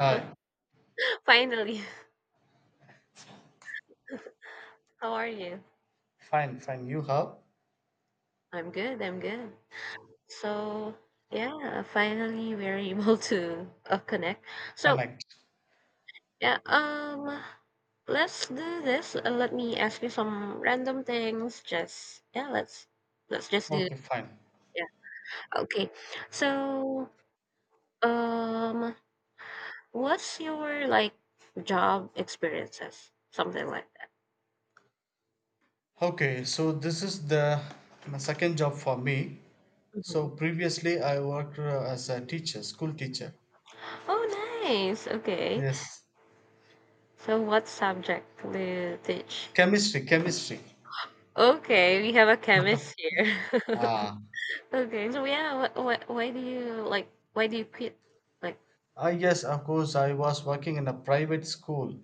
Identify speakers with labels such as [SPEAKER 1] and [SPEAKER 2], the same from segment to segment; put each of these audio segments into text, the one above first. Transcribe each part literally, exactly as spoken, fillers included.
[SPEAKER 1] Hi,
[SPEAKER 2] Finally, how are you?
[SPEAKER 1] fine, fine. You have
[SPEAKER 2] I'm good, I'm good. So, yeah, finally we're able to uh, connect. So,
[SPEAKER 1] connect.
[SPEAKER 2] yeah, um, let's do this. Uh, let me ask you some random things. Just, yeah, let's let's just do
[SPEAKER 1] Okay, fine.
[SPEAKER 2] yeah. Okay. So, um, what's your like job experiences? Something like that.
[SPEAKER 1] Okay, so this is the my second job for me. So
[SPEAKER 2] Mhm.
[SPEAKER 1] previously I worked uh, as a teacher, school teacher.
[SPEAKER 2] Oh, nice. Okay.
[SPEAKER 1] Yes,
[SPEAKER 2] So, what subject do you teach?
[SPEAKER 1] chemistry, chemistry.
[SPEAKER 2] Okay, we have a chemist here.
[SPEAKER 1] Ah,
[SPEAKER 2] Okay, so yeah, wh wh why do you like why do you quit? Like,
[SPEAKER 1] ah, yes, of course. I was working in a private school,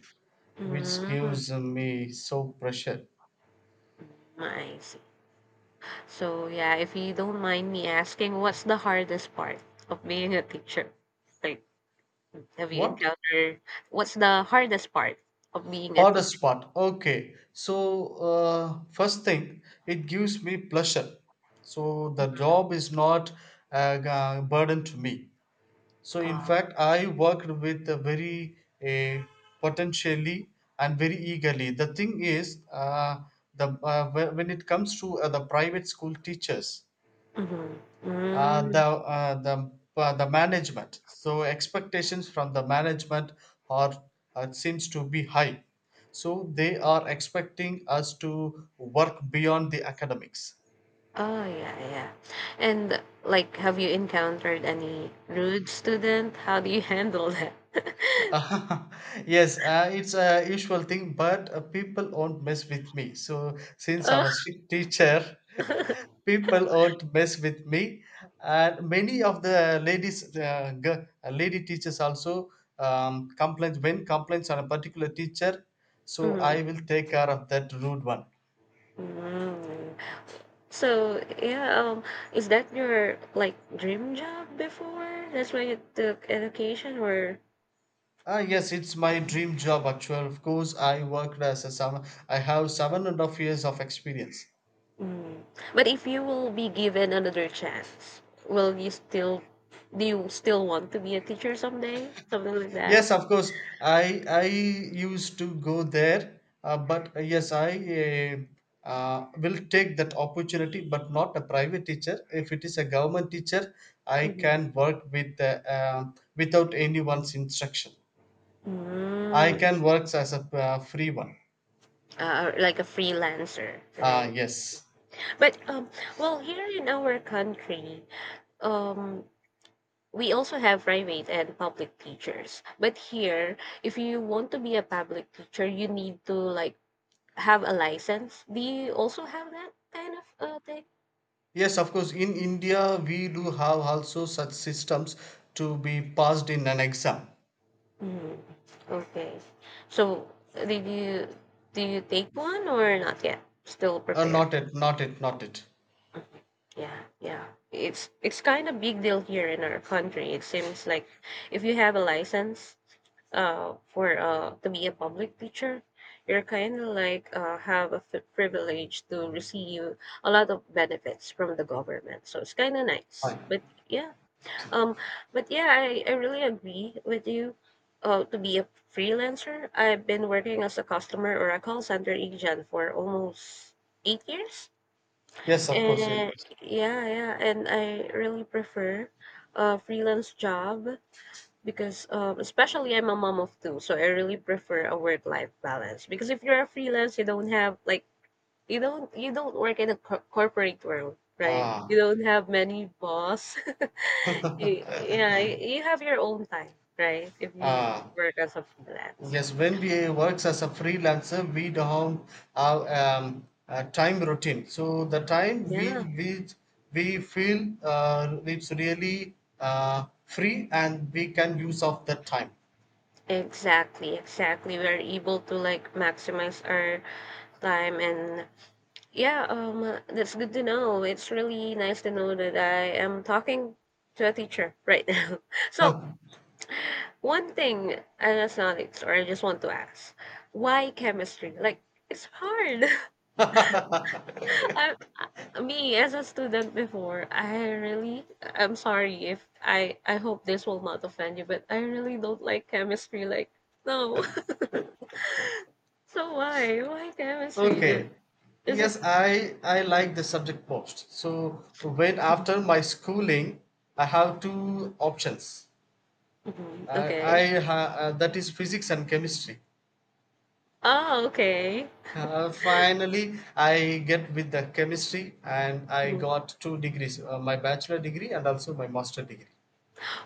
[SPEAKER 1] which
[SPEAKER 2] mm,
[SPEAKER 1] gives me so pressure.
[SPEAKER 2] I see. So yeah, if you don't mind me asking, what's the hardest part of being a teacher? Like, have you
[SPEAKER 1] What?
[SPEAKER 2] encountered what's the hardest part of being a teacher?
[SPEAKER 1] Hardest part. Okay. So, uh, first thing, it gives me pleasure. So, the job is not a g- a burden to me. So, in
[SPEAKER 2] Uh,
[SPEAKER 1] fact, I worked with a very uh, potentially and very eagerly. The thing is, uh, the uh, whe- when it comes to uh, the private school teachers,
[SPEAKER 2] mm-hmm.
[SPEAKER 1] uh, the
[SPEAKER 2] Mm,
[SPEAKER 1] uh, the uh, the management. So expectations from the management are uh, seems to be high. So they are expecting us to work beyond the academics.
[SPEAKER 2] oh yeah, yeah. And like, have you encountered any rude student? How do you handle that?
[SPEAKER 1] yes, uh, it's a usual thing, but uh, people won't mess with me. So since
[SPEAKER 2] Uh,
[SPEAKER 1] I'm a strict teacher, people won't mess with me, and many of the ladies, uh, g- uh, lady teachers also um, complaints when complaints on a particular teacher. So
[SPEAKER 2] mhm.
[SPEAKER 1] I will take care of that rude one.
[SPEAKER 2] Mm. So yeah, um, is that your like dream job before? That's why you took education, or
[SPEAKER 1] Ah, yes, it's my dream job actually. Of course, I worked as a seven. I have seven and a half years of experience.
[SPEAKER 2] mm. But if you will be given another chance, will you still do you still want to be a teacher someday? Something like that.
[SPEAKER 1] Yes, of course. I I used to go there, uh, but uh, yes, I uh, uh, will take that opportunity, but not a private teacher. If it is a government teacher, I
[SPEAKER 2] Mhm.
[SPEAKER 1] can work with uh, uh, without anyone's instruction. I
[SPEAKER 2] Mm,
[SPEAKER 1] can work as a uh, free one.
[SPEAKER 2] uh, like a freelancer,
[SPEAKER 1] Ah,
[SPEAKER 2] right?
[SPEAKER 1] yes.
[SPEAKER 2] But um, well, here in our country, um, we also have private and public teachers but here if you want to be a public teacher you need to like have a license do you also have that kind of uh, thing
[SPEAKER 1] Yes, of course. In India, we do have also such systems to be passed in an exam.
[SPEAKER 2] mm. Okay, so uh, did you do you take one or not yet still
[SPEAKER 1] Uh,
[SPEAKER 2] prepared
[SPEAKER 1] not it, not it, not it.
[SPEAKER 2] mhm. Yeah, yeah, it's it's kind of big deal here in our country it seems like if you have a license uh, for uh, to be a public teacher, you're kind of like uh, have a f- privilege to receive a lot of benefits from the government. So it's kind of nice.
[SPEAKER 1] Ah,
[SPEAKER 2] But yeah, um, but yeah, I, I really agree with you. Uh, to be a freelancer, I've been working as a customer or a call center agent for almost eight years.
[SPEAKER 1] yes, of course.
[SPEAKER 2] And
[SPEAKER 1] Yes.
[SPEAKER 2] yeah, yeah, and I really prefer a freelance job because um, especially I'm a mom of two, so I really prefer a work-life balance. Because if you're a freelance, you don't have like you don't you don't work in a co- corporate world, right? You
[SPEAKER 1] Ah.
[SPEAKER 2] don't have many boss. Y- yeah, y- you have your own time, right? If you
[SPEAKER 1] Ah,
[SPEAKER 2] work as a freelance.
[SPEAKER 1] yes, when we works as a freelancer, we don't have um, a time routine. So the time we
[SPEAKER 2] Yeah,
[SPEAKER 1] we we feel uh, it's really uh, free and we can use of that time.
[SPEAKER 2] exactly, exactly. We're able to like maximize our time and yeah, um, uh, that's good to know. It's really nice to know that I am talking to a teacher right now. So,
[SPEAKER 1] Huh.
[SPEAKER 2] one thing, and that's not it, or I just want to ask, why chemistry? Like, it's hard. I, I- me as a student before, I really, I'm sorry if I, I hope this will not offend you, but I really don't like chemistry. Like, no. So why? Why chemistry? The-
[SPEAKER 1] Okay.
[SPEAKER 2] Is it?
[SPEAKER 1] Yes, I I like the subject post. So when
[SPEAKER 2] Mhm.
[SPEAKER 1] after my schooling, I have two options.
[SPEAKER 2] Mhm.
[SPEAKER 1] I,
[SPEAKER 2] Okay.
[SPEAKER 1] I ha, uh, that is physics and chemistry.
[SPEAKER 2] Oh, okay.
[SPEAKER 1] Uh, finally, I get with the chemistry and I
[SPEAKER 2] Mm-hmm.
[SPEAKER 1] got two degrees, uh, my bachelor degree and also my master degree.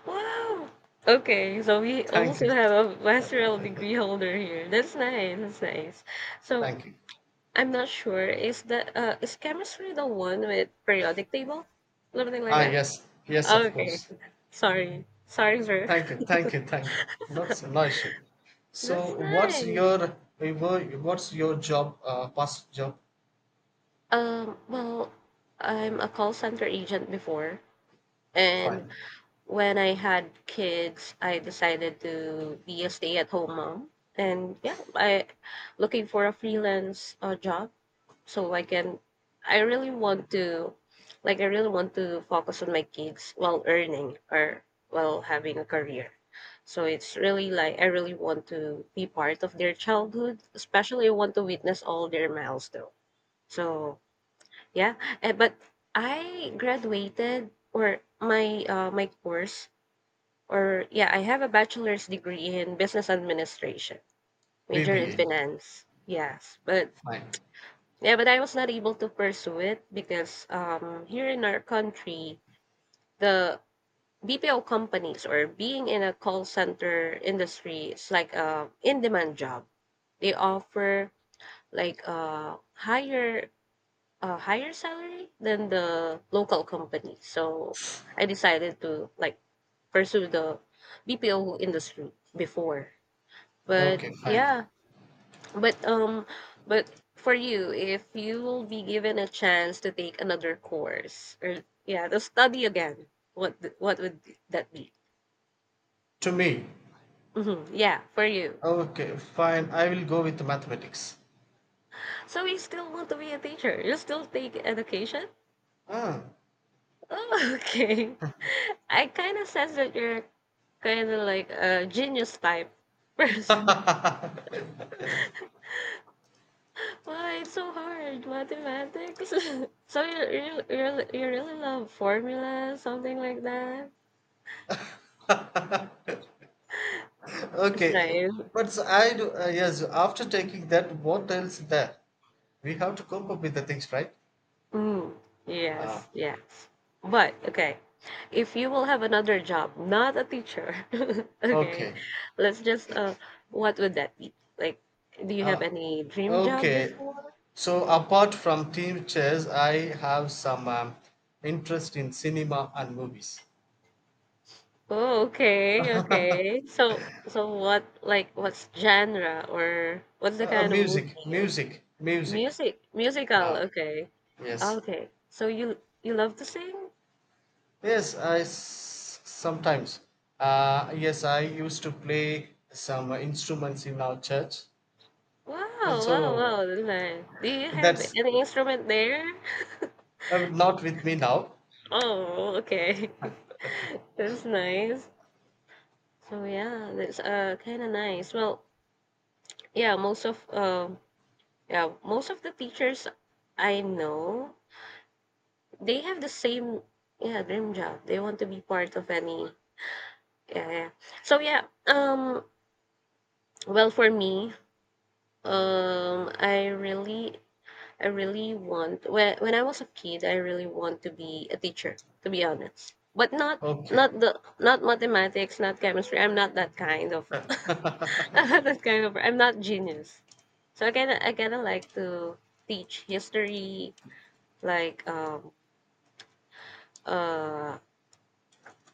[SPEAKER 2] Wow! Okay, so we
[SPEAKER 1] Thank you.
[SPEAKER 2] also have a master's degree holder here. That's nice. That's nice. So
[SPEAKER 1] Thank you.
[SPEAKER 2] I'm not sure. Is that uh is chemistry the one with periodic table? Something like
[SPEAKER 1] Ah,
[SPEAKER 2] that?
[SPEAKER 1] yes. Yes, of
[SPEAKER 2] Okay.
[SPEAKER 1] course.
[SPEAKER 2] Sorry. Sorry, sir.
[SPEAKER 1] Thank you. Thank you. Thank you. That's no issue. So
[SPEAKER 2] That's
[SPEAKER 1] what's
[SPEAKER 2] nice.
[SPEAKER 1] your what's your job, uh, past job?
[SPEAKER 2] Um, well, I'm a call center agent before, and
[SPEAKER 1] Fine.
[SPEAKER 2] when I had kids, I decided to be a stay-at-home mom, and yeah, I looking for a freelance uh, job so I can. I really want to, like, I really want to focus on my kids while earning or while having a career. So it's really like I really want to be part of their childhood, especially I want to witness all their milestones. So yeah, eh, but I graduated or my uh, my course or yeah, I have a bachelor's degree in business administration, major in
[SPEAKER 1] B B A.
[SPEAKER 2] finance. Yes, but
[SPEAKER 1] Fine.
[SPEAKER 2] yeah, but I was not able to pursue it because um here in our country, the B P O companies or being in a call center industry is like a in-demand job. They offer like a higher a higher salary than the local company. So I decided to like pursue the B P O industry before. But
[SPEAKER 1] Okay, fine.
[SPEAKER 2] yeah, but um, but for you, if you will be given a chance to take another course or yeah, to study again, what th- what would that be?
[SPEAKER 1] To me.
[SPEAKER 2] Hmm. Yeah, for you.
[SPEAKER 1] Okay, fine. I will go with mathematics.
[SPEAKER 2] So you still want to be a teacher? You still take education?
[SPEAKER 1] Ah.
[SPEAKER 2] Oh, okay. I kind of sense that you're kind of like a genius type person. Why it's so hard, mathematics? so you you you you really love formulas, something like that?
[SPEAKER 1] Okay,
[SPEAKER 2] Israel.
[SPEAKER 1] but s- I do, uh, yes, after taking that, what else there? We have to cope up with the things, right?
[SPEAKER 2] Mm, yes,
[SPEAKER 1] Ah,
[SPEAKER 2] yes. But okay, if you will have another job, not a teacher, okay,
[SPEAKER 1] okay.
[SPEAKER 2] let's just uh, what would that be? Like, do you have
[SPEAKER 1] Uh,
[SPEAKER 2] any dream job
[SPEAKER 1] okay.
[SPEAKER 2] before?
[SPEAKER 1] So apart from team chess, I have some um, interest in cinema and movies.
[SPEAKER 2] Oh, okay,
[SPEAKER 1] uh,
[SPEAKER 2] okay. So, so what, like, what's genre or what's the kind of movie?
[SPEAKER 1] music,
[SPEAKER 2] You-
[SPEAKER 1] music, music.
[SPEAKER 2] Music, musical.
[SPEAKER 1] Ah,
[SPEAKER 2] Okay,
[SPEAKER 1] yes.
[SPEAKER 2] okay. So you you love to sing?
[SPEAKER 1] Yes, I s- sometimes. Uh, yes, I used to play some instruments in our church. And
[SPEAKER 2] Wow, wow,
[SPEAKER 1] so
[SPEAKER 2] wow. That's nice. Do you have
[SPEAKER 1] That's
[SPEAKER 2] any instrument there?
[SPEAKER 1] uh, Not with me now.
[SPEAKER 2] Oh, okay. That's nice. So yeah, that's uh kind of nice. Well, yeah, most of um yeah, most of the teachers I know, they have the same yeah, dream job. They want to be part of any yeah, yeah. So yeah, um well for me, um I really I really want when when I was a kid, I really want to be a teacher, to be honest. But not
[SPEAKER 1] Okay,
[SPEAKER 2] not the not mathematics, not chemistry. I'm not that kind of I'm not that kind of I'm not genius. So I kinda I kinda like to teach history, like um uh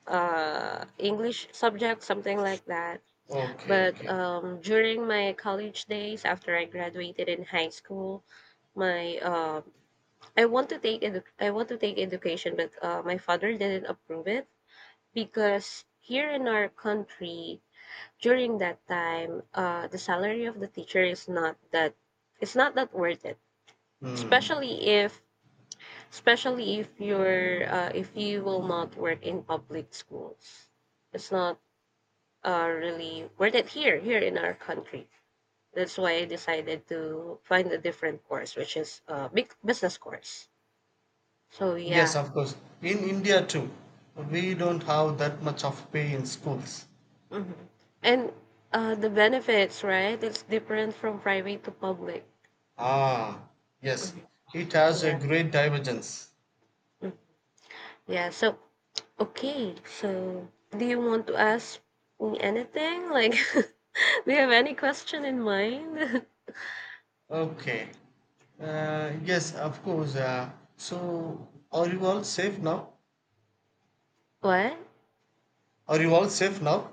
[SPEAKER 2] uh English subject, something like that.
[SPEAKER 1] okay,
[SPEAKER 2] But
[SPEAKER 1] okay.
[SPEAKER 2] um during my college days after I graduated in high school, my uh. I want to take edu- I want to take education, but uh, my father didn't approve it because here in our country during that time, uh, the salary of the teacher is not that it's not that worth it. Especially if especially if you're uh, if you will not work in public schools, it's not uh, really worth it here here in our country. That's why I decided to find a different course, which is uh, big business course. So
[SPEAKER 1] Yes,
[SPEAKER 2] yeah
[SPEAKER 1] of course. In India too, we don't have that much of pay in schools.
[SPEAKER 2] mhm. And uh, the benefits, right? It's different from private to public.
[SPEAKER 1] Ah, yes.
[SPEAKER 2] Mhm.
[SPEAKER 1] It has a
[SPEAKER 2] Yeah.
[SPEAKER 1] great divergence.
[SPEAKER 2] Mm. Yeah. So, okay. So, do you want to ask me anything? Like, do you have any question in mind?
[SPEAKER 1] Okay. Uh, yes, of course. Uh, so, are you all safe now?
[SPEAKER 2] What?
[SPEAKER 1] Are you all safe now?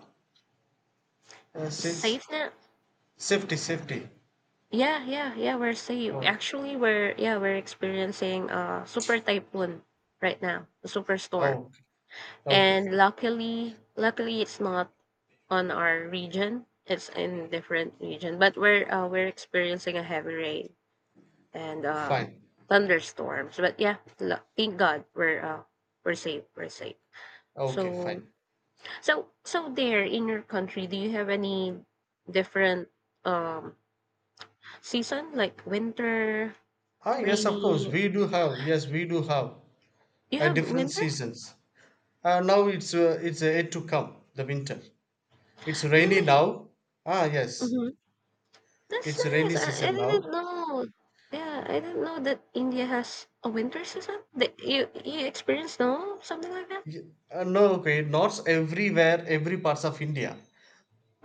[SPEAKER 1] Uh, since
[SPEAKER 2] Safe now?
[SPEAKER 1] safety, safety.
[SPEAKER 2] Yeah, yeah, yeah, we're safe.
[SPEAKER 1] Okay.
[SPEAKER 2] Actually, we're yeah, we're experiencing a super typhoon right now, a superstorm.
[SPEAKER 1] Oh, okay.
[SPEAKER 2] And
[SPEAKER 1] Fine.
[SPEAKER 2] luckily, luckily it's not on our region. It's in different region, but we're uh, we're experiencing a heavy rain and uh,
[SPEAKER 1] Fine.
[SPEAKER 2] thunderstorms. But yeah, lu- thank God we're uh, we're safe. We're safe.
[SPEAKER 1] Okay,
[SPEAKER 2] So
[SPEAKER 1] fine.
[SPEAKER 2] so so there in your country, do you have any different um season like winter,
[SPEAKER 1] Ah, yes, of course.
[SPEAKER 2] rainy?
[SPEAKER 1] We do have. Yes, we do have
[SPEAKER 2] You
[SPEAKER 1] uh,
[SPEAKER 2] have
[SPEAKER 1] different
[SPEAKER 2] winter?
[SPEAKER 1] seasons. Uh, now it's uh, it's uh, yet to come the winter. It's rainy
[SPEAKER 2] Really?
[SPEAKER 1] now. Ah yes,
[SPEAKER 2] Mm-hmm. That's
[SPEAKER 1] it's
[SPEAKER 2] nice.
[SPEAKER 1] rainy
[SPEAKER 2] I, I
[SPEAKER 1] season now.
[SPEAKER 2] didn't know. Yeah, I didn't know that India has a winter season. That you you experience snow, something like that.
[SPEAKER 1] Y- uh, no, okay, not everywhere, every parts of India.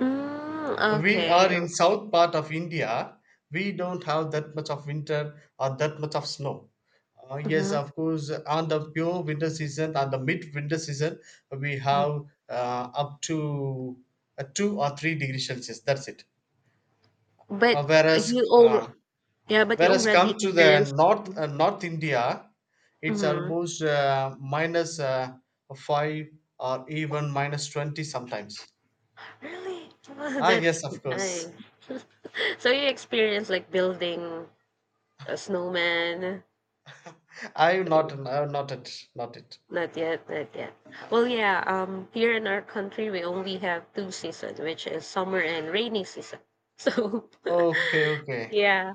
[SPEAKER 2] Mm,
[SPEAKER 1] We
[SPEAKER 2] okay.
[SPEAKER 1] are in south part of India. We don't have that much of winter or that much of snow. Uh, yes,
[SPEAKER 2] Mm-hmm.
[SPEAKER 1] of course, on the pure winter season, on the mid winter season, we have uh, up to uh, two or three degrees Celsius. That's it.
[SPEAKER 2] But
[SPEAKER 1] Uh, whereas
[SPEAKER 2] you all,
[SPEAKER 1] uh,
[SPEAKER 2] yeah, but you
[SPEAKER 1] Whereas
[SPEAKER 2] already
[SPEAKER 1] come to the
[SPEAKER 2] experienced.
[SPEAKER 1] North uh, North India, it's
[SPEAKER 2] Mm-hmm.
[SPEAKER 1] almost uh, minus uh, five or even minus twenty sometimes.
[SPEAKER 2] Really?
[SPEAKER 1] Ah,
[SPEAKER 2] That's
[SPEAKER 1] yes, of
[SPEAKER 2] nice.
[SPEAKER 1] course.
[SPEAKER 2] So you experienced like building a snowman.
[SPEAKER 1] I'm not. I'm not it. Not it.
[SPEAKER 2] Not yet, not yet. Well, yeah, um, here in our country, we only have two seasons, which is summer and rainy season. So
[SPEAKER 1] Okay, okay,
[SPEAKER 2] yeah.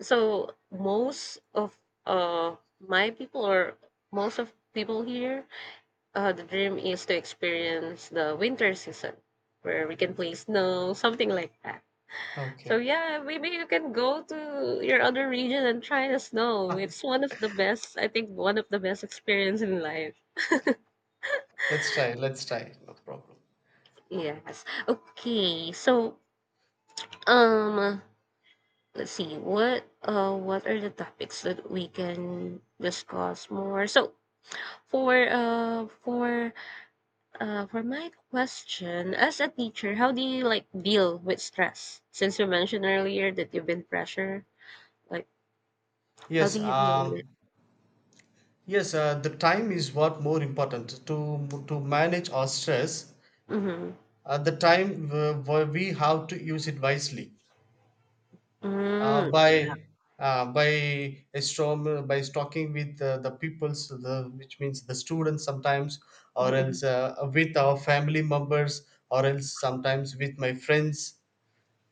[SPEAKER 2] So most of uh my people or most of people here, uh the dream is to experience the winter season where we can play snow, something like that. So
[SPEAKER 1] okay.
[SPEAKER 2] yeah, maybe you can go to your other region and try the snow. It's one of the best, I think one of the best experience in life.
[SPEAKER 1] Let's try. Let's try. No problem.
[SPEAKER 2] Yes. Okay. So um let's see what uh what are the topics that we can discuss more. So For, uh, for, uh, for my question, as a teacher, how do you like deal with stress? Since you mentioned earlier that you've been pressure, like how do
[SPEAKER 1] Yes.
[SPEAKER 2] you deal with it?
[SPEAKER 1] Um. Yes. Uh, the time is what more important to to manage our stress.
[SPEAKER 2] Mm-hmm.
[SPEAKER 1] Uh, the time uh, we have to use it wisely. uh,
[SPEAKER 2] Mm, yeah.
[SPEAKER 1] by uh, by a storm by talking with uh, the peoples the which means the students sometimes or
[SPEAKER 2] Mm-hmm.
[SPEAKER 1] else uh, with our family members or else sometimes with my friends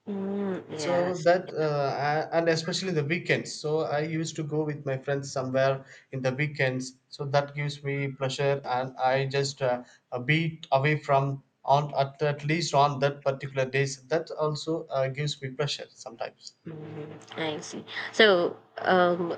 [SPEAKER 2] Mm,
[SPEAKER 1] so
[SPEAKER 2] yes.
[SPEAKER 1] that uh, a- and especially the weekends so I used to go with my friends somewhere in the weekends so that gives me pleasure and I just uh, a bit away from on at, at least on that particular days that also uh, gives me pleasure sometimes.
[SPEAKER 2] Mm, I see. So, um,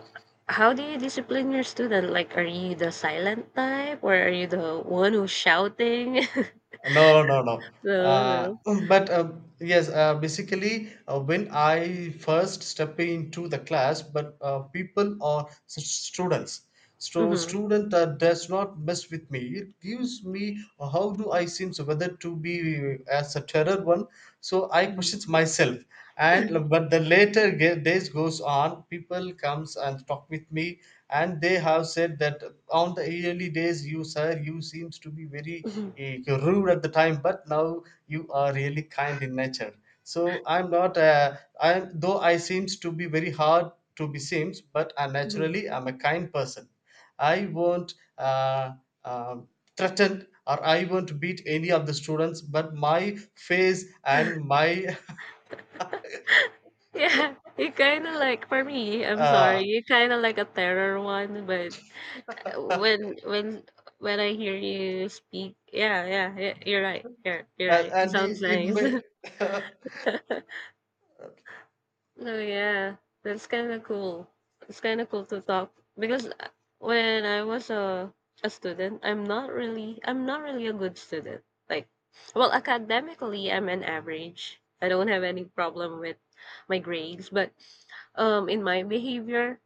[SPEAKER 2] how do you discipline your student? Like, are you the silent type, or are you the one who's shouting?
[SPEAKER 1] No, no, no.
[SPEAKER 2] No,
[SPEAKER 1] Uh,
[SPEAKER 2] no.
[SPEAKER 1] but uh, Yes, uh, basically, uh, when I first step into the class, but uh, people are s- students. So
[SPEAKER 2] Mm-hmm.
[SPEAKER 1] student uh, does not mess with me. It gives me uh, how do I seem so whether to be uh, as a terror one. So I questions myself. And uh, but the later ge- days goes on, people comes and talk with me, and they have said that on the early days, you sir, you seems to be very
[SPEAKER 2] Mm-hmm.
[SPEAKER 1] eh, you're rude at the time but now you are really kind in nature so I'm not a, I'm though I seems to be very hard to be seems but I
[SPEAKER 2] Mm-hmm.
[SPEAKER 1] naturally I'm a kind person. I won't uh, um threaten or I won't beat any of the students but my face and my
[SPEAKER 2] Yeah, you kind of like for me, I'm sorry,
[SPEAKER 1] uh,
[SPEAKER 2] you kind of like a terror one, but uh, when when when I hear you speak, yeah, yeah, yeah, you're right. Yeah, you're
[SPEAKER 1] and,
[SPEAKER 2] right. It
[SPEAKER 1] and
[SPEAKER 2] sounds
[SPEAKER 1] it, it
[SPEAKER 2] nice.
[SPEAKER 1] may
[SPEAKER 2] No, yeah, that's kind of cool. It's kind of cool to talk because uh, when I was a a student, I'm not really I'm not really a good student. Like, well, academically, I'm an average. I don't have any problem with my grades, but um, in my behavior,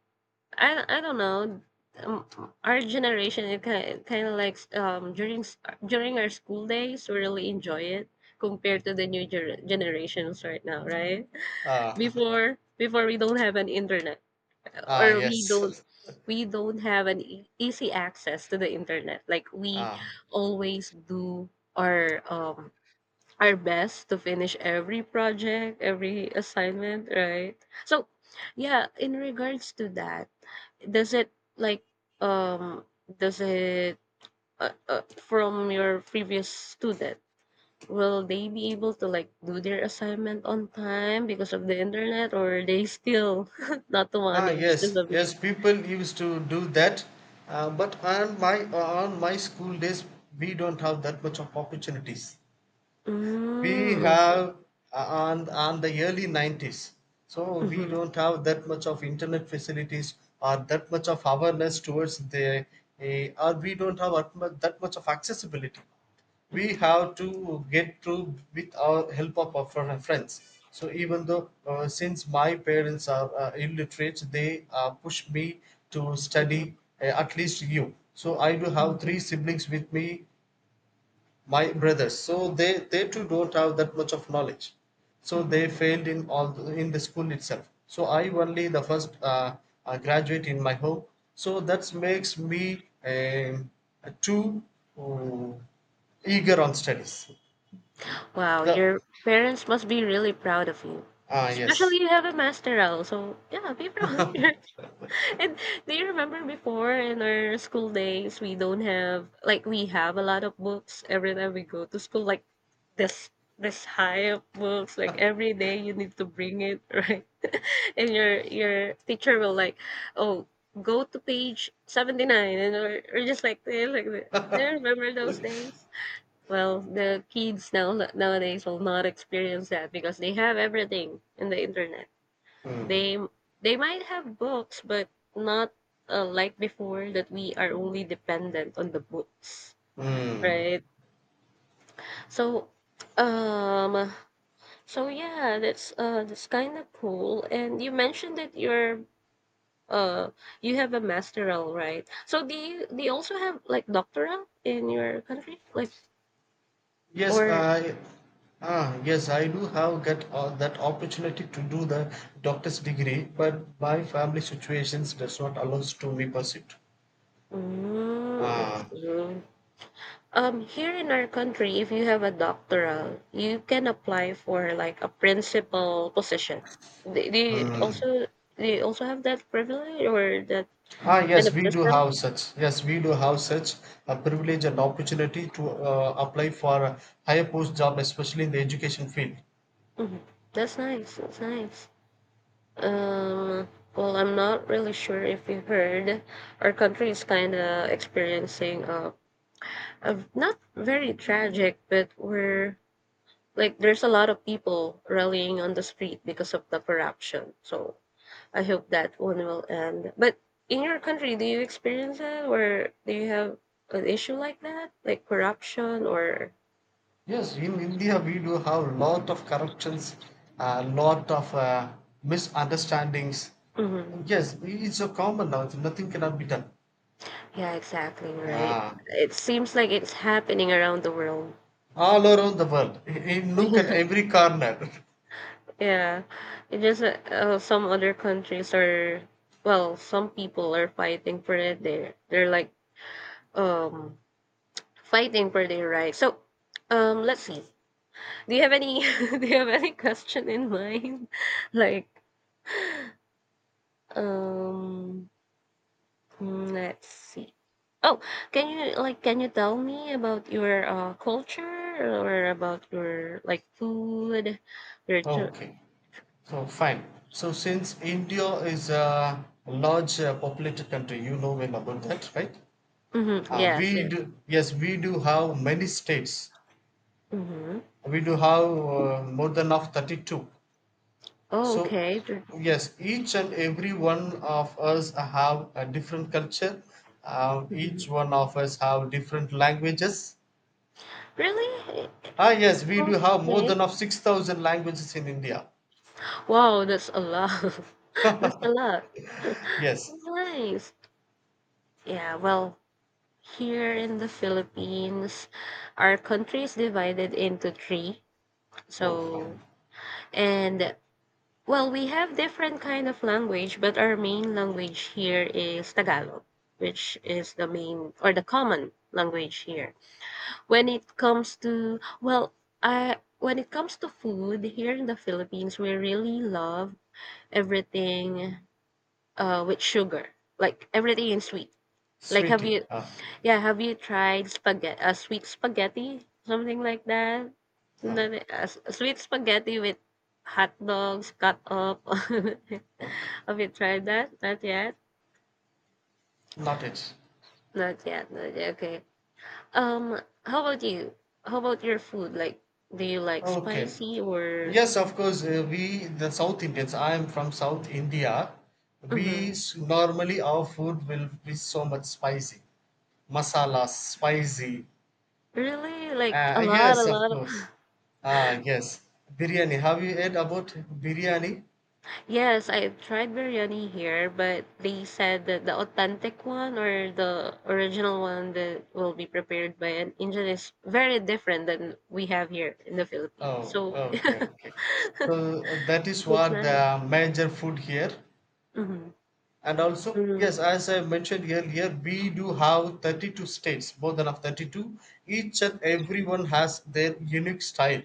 [SPEAKER 2] I I don't know. Um, our generation, it kind kind of like um during s- during our school days, we really enjoy it compared to the new ger generations right now, right?
[SPEAKER 1] uh,
[SPEAKER 2] before before we don't have an internet
[SPEAKER 1] ah
[SPEAKER 2] or we
[SPEAKER 1] yes
[SPEAKER 2] don't we don't have an e- easy access to the internet like we
[SPEAKER 1] ah.
[SPEAKER 2] always do our um our best to finish every project every assignment, right? So yeah, in regards to that, does it, like um does it, uh, uh, from your previous student, will they be able to, like, do their assignment on time because of the internet, or they still not to
[SPEAKER 1] Ah,
[SPEAKER 2] manage to
[SPEAKER 1] yes,
[SPEAKER 2] submit?
[SPEAKER 1] yes. People used to do that, uh, but on my on my school days, we don't have that much of opportunities.
[SPEAKER 2] Mm,
[SPEAKER 1] We
[SPEAKER 2] okay.
[SPEAKER 1] have uh, on on the early nineties, so we
[SPEAKER 2] Mhm,
[SPEAKER 1] don't have that much of internet facilities or that much of awareness towards the, uh, or we don't have that much that much of accessibility. We have to get through with our help of our fr- friends so even though uh, since my parents are uh, illiterate they uh, push me to study
[SPEAKER 2] mhm,
[SPEAKER 1] uh, at least you so I do have
[SPEAKER 2] mhm,
[SPEAKER 1] three siblings with me, my brothers so they they too don't have that much of knowledge so they
[SPEAKER 2] mhm.
[SPEAKER 1] failed in all the, in the school itself so I only the first uh, uh, graduate in my home so that makes me um, too uh, eager on studies
[SPEAKER 2] Wow,
[SPEAKER 1] the
[SPEAKER 2] your parents must be really proud of you,
[SPEAKER 1] Ah
[SPEAKER 2] especially
[SPEAKER 1] yes.
[SPEAKER 2] you have a master' masteral, so yeah, be proud of your. And do you remember before in our school days, we don't have like we have a lot of books every time we go to school, like this this high of books, like every day you need to bring it, right? And your your teacher will like, oh, go to page seventy nine, and or, or just like this, like that. Do you remember those days? Well, the kids now nowadays will not experience that because they have everything in the internet. They they might have books, but not, uh, like before that we are only dependent on the books,
[SPEAKER 1] Hmm.
[SPEAKER 2] right? So, um, so yeah, that's uh that's kind of cool. And you mentioned that you're uh you have a masteral, right? So do you do you also have like doctoral in your country, like
[SPEAKER 1] Yes,
[SPEAKER 2] or?
[SPEAKER 1] I ah yes, I do have get uh, that opportunity to do the doctor's degree, but my family situations does not allows to me pursue. It.
[SPEAKER 2] Mm, I
[SPEAKER 1] Ah,
[SPEAKER 2] see. Um, here in our country, if you have a doctoral, you can apply for like a principal position. Do they
[SPEAKER 1] Hmm.
[SPEAKER 2] also do you also have that privilege or that
[SPEAKER 1] Ah,
[SPEAKER 2] kind
[SPEAKER 1] yes,
[SPEAKER 2] of
[SPEAKER 1] we do
[SPEAKER 2] system.
[SPEAKER 1] have such. Yes, we do have such a privilege and opportunity to uh, apply for a higher post job, especially in the education field.
[SPEAKER 2] Mhm. That's nice. That's nice. Um, well, I'm not really sure if you heard, our country is kind of experiencing a, a not very tragic, but we're like there's a lot of people rallying on the street because of the corruption. So I hope that one will end. But in your country, do you experience that, or do you have an issue like that, like corruption or?
[SPEAKER 1] Yes, in India, we do have a lot of corruptions, a lot of uh, misunderstandings.
[SPEAKER 2] Hmm.
[SPEAKER 1] Yes, it's so common now. so Nothing cannot be done.
[SPEAKER 2] Yeah, exactly right.
[SPEAKER 1] Ah,
[SPEAKER 2] It seems like it's happening around the world.
[SPEAKER 1] all around the world, in in look at every corner.
[SPEAKER 2] Yeah, it just uh, uh, some other countries are, well, some people are fighting for it. They they're like um fighting for their rights. So, um, let's see. Do you have any do you have any question in mind? Like um, mm, let's see. Oh, can you like can you tell me about your uh culture or about your like food, your tour?
[SPEAKER 1] Okay. So fine. So since India is a large uh, populated country, you know well about that, right?
[SPEAKER 2] Mm-hmm.
[SPEAKER 1] Uh,
[SPEAKER 2] Yes,
[SPEAKER 1] we
[SPEAKER 2] yes.
[SPEAKER 1] do yes, we do have many states.
[SPEAKER 2] Mm-hmm.
[SPEAKER 1] We do have uh, more than of thirty-two.
[SPEAKER 2] Oh,
[SPEAKER 1] So
[SPEAKER 2] okay. Tur-
[SPEAKER 1] yes, each and every one of us have a different culture. Uh,
[SPEAKER 2] Mhm.
[SPEAKER 1] each one of us have different languages.
[SPEAKER 2] Really?
[SPEAKER 1] Ah yes, we do have more
[SPEAKER 2] Okay.
[SPEAKER 1] than of six thousand languages in India.
[SPEAKER 2] Wow, that's a lot. That's a lot.
[SPEAKER 1] Yes.
[SPEAKER 2] Nice. Yeah, well, here in the Philippines, our country is divided into three.
[SPEAKER 1] Oh,
[SPEAKER 2] So,
[SPEAKER 1] fine.
[SPEAKER 2] and well, we have different kind of language, but our main language here is Tagalog, which is the main or the common language here. When it comes to well, I when it comes to food here in the Philippines, we really love everything uh with sugar, like everything in sweet. Like have
[SPEAKER 1] Sweetie.
[SPEAKER 2] you,
[SPEAKER 1] Ah,
[SPEAKER 2] yeah, have you tried spaghetti, uh, sweet spaghetti, something like that? No,
[SPEAKER 1] ah,
[SPEAKER 2] no, uh, s- sweet spaghetti with hot dogs cut up.
[SPEAKER 1] okay.
[SPEAKER 2] Have you tried that? Not yet.
[SPEAKER 1] Not it.
[SPEAKER 2] Not yet. Not yet. Okay. Um, how about you? How about your food? Like, do you like
[SPEAKER 1] Okay.
[SPEAKER 2] spicy or?
[SPEAKER 1] Yes, of course. Uh, we the South Indians. I am from South India. We
[SPEAKER 2] Hmm.
[SPEAKER 1] s- normally our food will be so much spicy, masala spicy.
[SPEAKER 2] Really? Like a
[SPEAKER 1] Uh,
[SPEAKER 2] lot, a
[SPEAKER 1] yes, of
[SPEAKER 2] lot of.
[SPEAKER 1] course. Ah, yes. Biryani. Have you heard about biryani?
[SPEAKER 2] Yes, I've tried biryani here, but they said that the authentic one or the original one that will be prepared by an Indian is very different than we have here in the Philippines.
[SPEAKER 1] Oh,
[SPEAKER 2] So
[SPEAKER 1] okay, okay. So uh, that is
[SPEAKER 2] it's
[SPEAKER 1] what
[SPEAKER 2] nice.
[SPEAKER 1] the major food here.
[SPEAKER 2] Mm-hmm.
[SPEAKER 1] And also,
[SPEAKER 2] Mm-hmm.
[SPEAKER 1] yes, as I mentioned earlier, we do have thirty-two states, more than of thirty-two. Each and everyone has their unique style,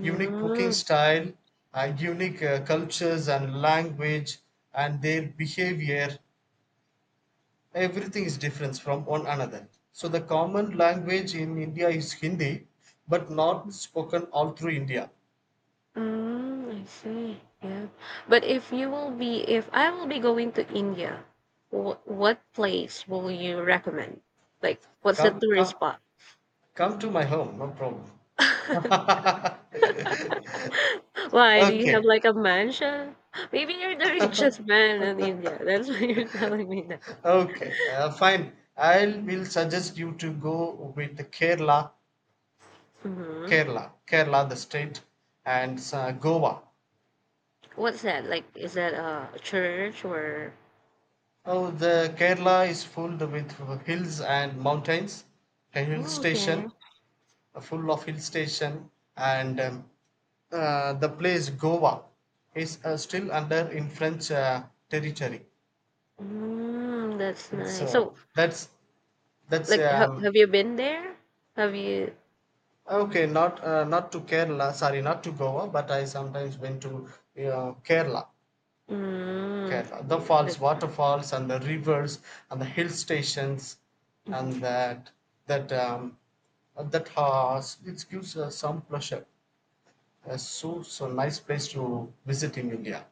[SPEAKER 1] unique cooking style, uh, unique uh, cultures and language, and their behavior. Everything is different from one another. So, the common language in India is Hindi, but not spoken all through India.
[SPEAKER 2] mm, I see. Yeah. But if you will be, if I will be going to India, wh what place will you recommend? Like, what's the
[SPEAKER 1] Come,
[SPEAKER 2] tourist
[SPEAKER 1] come,
[SPEAKER 2] spot?
[SPEAKER 1] come to my home, no problem.
[SPEAKER 2] Why do you have
[SPEAKER 1] okay.
[SPEAKER 2] like a mansion? Maybe you're the richest man in India. That's why you're telling me that.
[SPEAKER 1] Okay, uh, fine. I will suggest you to go with the Kerala,
[SPEAKER 2] Hmm.
[SPEAKER 1] Kerala, Kerala, the state, and uh, Goa.
[SPEAKER 2] What's that? Like, is that a church or?
[SPEAKER 1] Oh, the Kerala is filled with hills and mountains, a hill
[SPEAKER 2] Oh, okay.
[SPEAKER 1] station, uh, full of hill station, and um, uh, the place Goa is uh, still under in French uh, territory,
[SPEAKER 2] Mm, that's
[SPEAKER 1] and
[SPEAKER 2] nice. So,
[SPEAKER 1] so that's that's
[SPEAKER 2] like, ha
[SPEAKER 1] um,
[SPEAKER 2] have you been there? Have you?
[SPEAKER 1] Okay, not uh, not to Kerala. Sorry, not to Goa, but I sometimes went to uh, Kerala.
[SPEAKER 2] Mm,
[SPEAKER 1] Kerala, the
[SPEAKER 2] okay, that's
[SPEAKER 1] falls, waterfalls, and the rivers, and the hill stations, and
[SPEAKER 2] Mhm.
[SPEAKER 1] that that um, that has it gives uh, some pleasure. Uh, so so nice place to visit in India.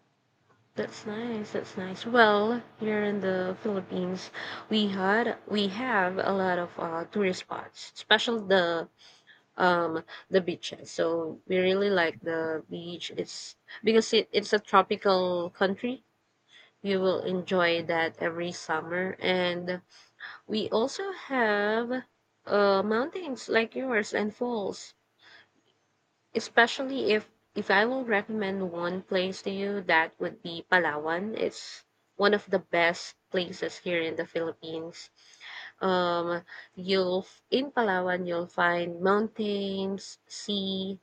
[SPEAKER 2] That's nice. That's nice. Well, here in the Philippines, we had we have a lot of uh, tourist spots, especially the um the beaches, so we really like the beach. It's because it, it's a tropical country. You will enjoy that every summer, and we also have uh mountains like yours and falls, especially if if I will recommend one place to you, that would be palawan. It's one of the best places here in the philippines. Um, you'll in palawan you'll find mountains, sea,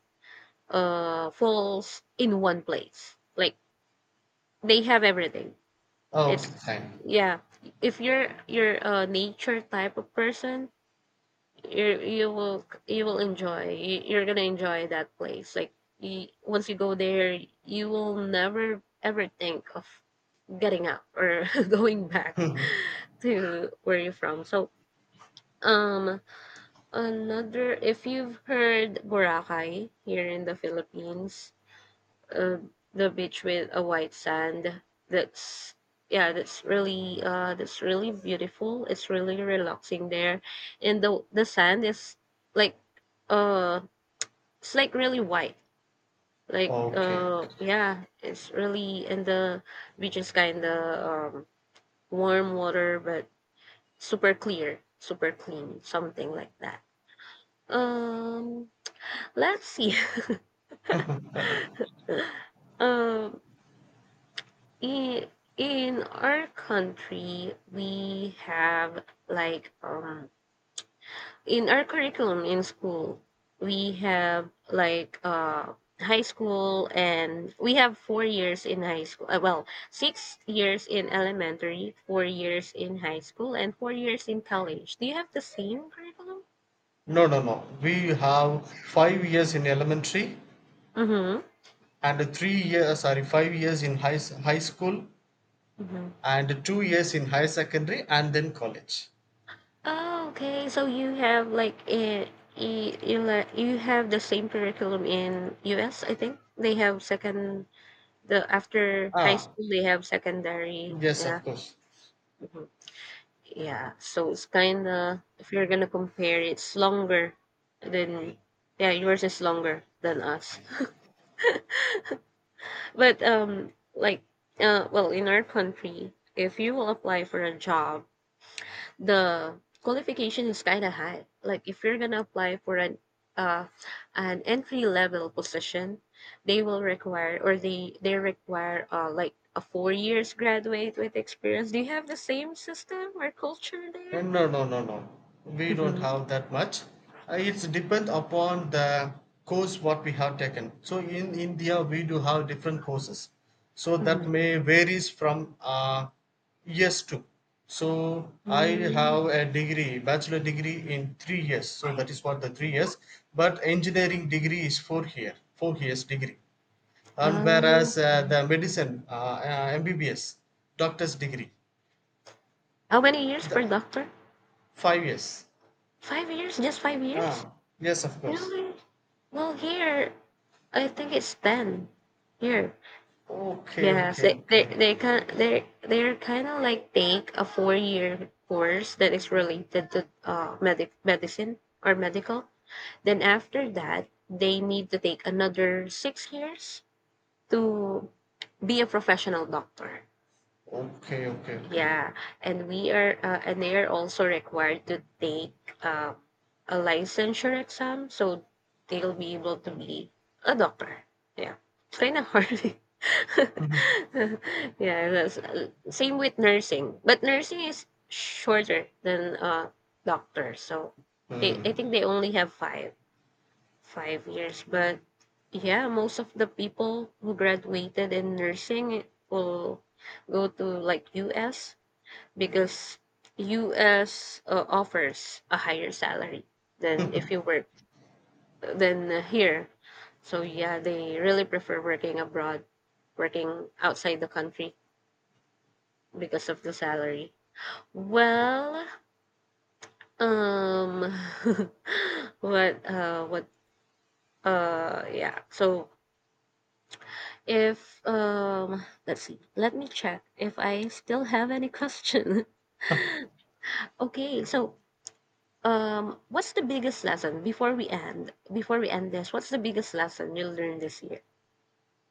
[SPEAKER 2] uh falls in one place, like they have everything.
[SPEAKER 1] Okay,
[SPEAKER 2] It's
[SPEAKER 1] fine.
[SPEAKER 2] yeah, if you're you're a nature type of person, you you will you will enjoy you, you're gonna enjoy that place. Like you, once you go there you will never ever think of getting out or going back to where you're from. So um, another, if you've heard boracay here in the philippines, uh, the beach with a white sand. That's yeah, that's really uh, that's really beautiful. It's really relaxing there, and the the sand is like uh, it's like really white. Like
[SPEAKER 1] Okay.
[SPEAKER 2] uh, yeah, it's really and the beach is kind of um warm water, but super clear, super clean, something like that. Um, let's see. Um, I- in our country we have like um in our curriculum in school we have like uh high school and we have four years in high school, uh, well, six years in elementary, four years in high school, and four years in college. Do you have the same curriculum?
[SPEAKER 1] No, no, no. We have five years in elementary
[SPEAKER 2] Mm-hmm.
[SPEAKER 1] and three years, sorry, five years in high, s- high school and two years in higher secondary and then college.
[SPEAKER 2] Oh, okay. So you have like eh, you, you like you have the same curriculum in U S, I think. They have second the after high
[SPEAKER 1] Ah,
[SPEAKER 2] school they have secondary.
[SPEAKER 1] yes,
[SPEAKER 2] Yeah.
[SPEAKER 1] of course.
[SPEAKER 2] Mhm. Yeah. So it's kind of if you're gonna compare it's longer than yeah, yours is longer than us. But um like uh well, in our country, if you will apply for a job, the qualification is kind of high. Like if you're gonna apply for an uh, an entry level position, they will require, or they they require uh, like a four years graduate with experience. Do you have the same system or culture
[SPEAKER 1] Uh,
[SPEAKER 2] there?
[SPEAKER 1] No, no, no, no. We don't
[SPEAKER 2] Mm-hmm.
[SPEAKER 1] have that much. Uh, It's depend upon the course what we have taken. So in India, we do have different courses. So that may varies from uh, years to. So I
[SPEAKER 2] Mm-hmm.
[SPEAKER 1] have a degree, bachelor degree in three years. So that is what the three years. But engineering degree is four here, four years degree. And
[SPEAKER 2] Um,
[SPEAKER 1] whereas uh, the medicine uh, uh, mbbs doctor's degree
[SPEAKER 2] how many years
[SPEAKER 1] the
[SPEAKER 2] for doctor?
[SPEAKER 1] five years,
[SPEAKER 2] Five years? Just five
[SPEAKER 1] ah
[SPEAKER 2] years?
[SPEAKER 1] yes of course.
[SPEAKER 2] Really? Well, here I think it's ten. Here.
[SPEAKER 1] Okay,
[SPEAKER 2] Yes,
[SPEAKER 1] okay,
[SPEAKER 2] they they
[SPEAKER 1] okay,
[SPEAKER 2] they can they they're kind of like take a four year course that is related to uh medic medicine or medical. Then after that, they need to take another six years to be a professional doctor.
[SPEAKER 1] okay, okay, okay.
[SPEAKER 2] Yeah, and we are uh, and they are also required to take uh, a licensure exam, so they'll be able to be a doctor. Yeah, it's kind of hard.
[SPEAKER 1] Mhm.
[SPEAKER 2] Yeah, that's, uh, same with nursing, but nursing is shorter than uh, doctor. So they, I
[SPEAKER 1] Hmm.
[SPEAKER 2] think they only have five five years. But yeah, most of the people who graduated in nursing will go to like U S, because U S uh, offers a higher salary than if you work than uh, here. So yeah, they really prefer working abroad, working outside the country because of the salary. Well, um what uh what uh yeah. So if um let's see. Let me check if I still have any question. Okay, so um, what's the biggest lesson before we end? Before we end this, what's the biggest lesson you learned this year?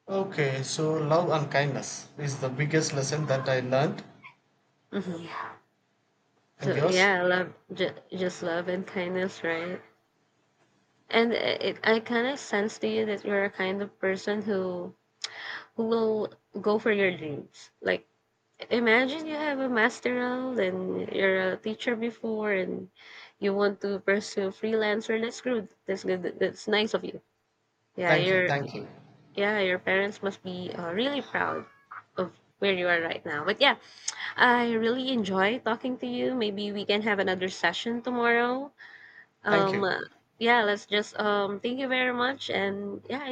[SPEAKER 1] Okay so love and kindness is the biggest lesson that I learned.
[SPEAKER 2] Hmm. Yeah.
[SPEAKER 1] And
[SPEAKER 2] So
[SPEAKER 1] yours?
[SPEAKER 2] yeah, love, ju- just love and kindness, right? And it, I kind of sense to you that you're a kind of person who who will go for your dreams. Like imagine you have a masteral and you're a teacher before, and you want to pursue freelancer. That's good. That's good. That's nice of you. Yeah,
[SPEAKER 1] Thank you,
[SPEAKER 2] you're
[SPEAKER 1] thank you,
[SPEAKER 2] Yeah, your parents must be uh, really proud of where you are right now. But yeah, I really enjoy talking to you. Maybe we can have another session tomorrow.
[SPEAKER 1] thank
[SPEAKER 2] Um,
[SPEAKER 1] you.
[SPEAKER 2] uh, yeah, let's just um, thank you very much and yeah,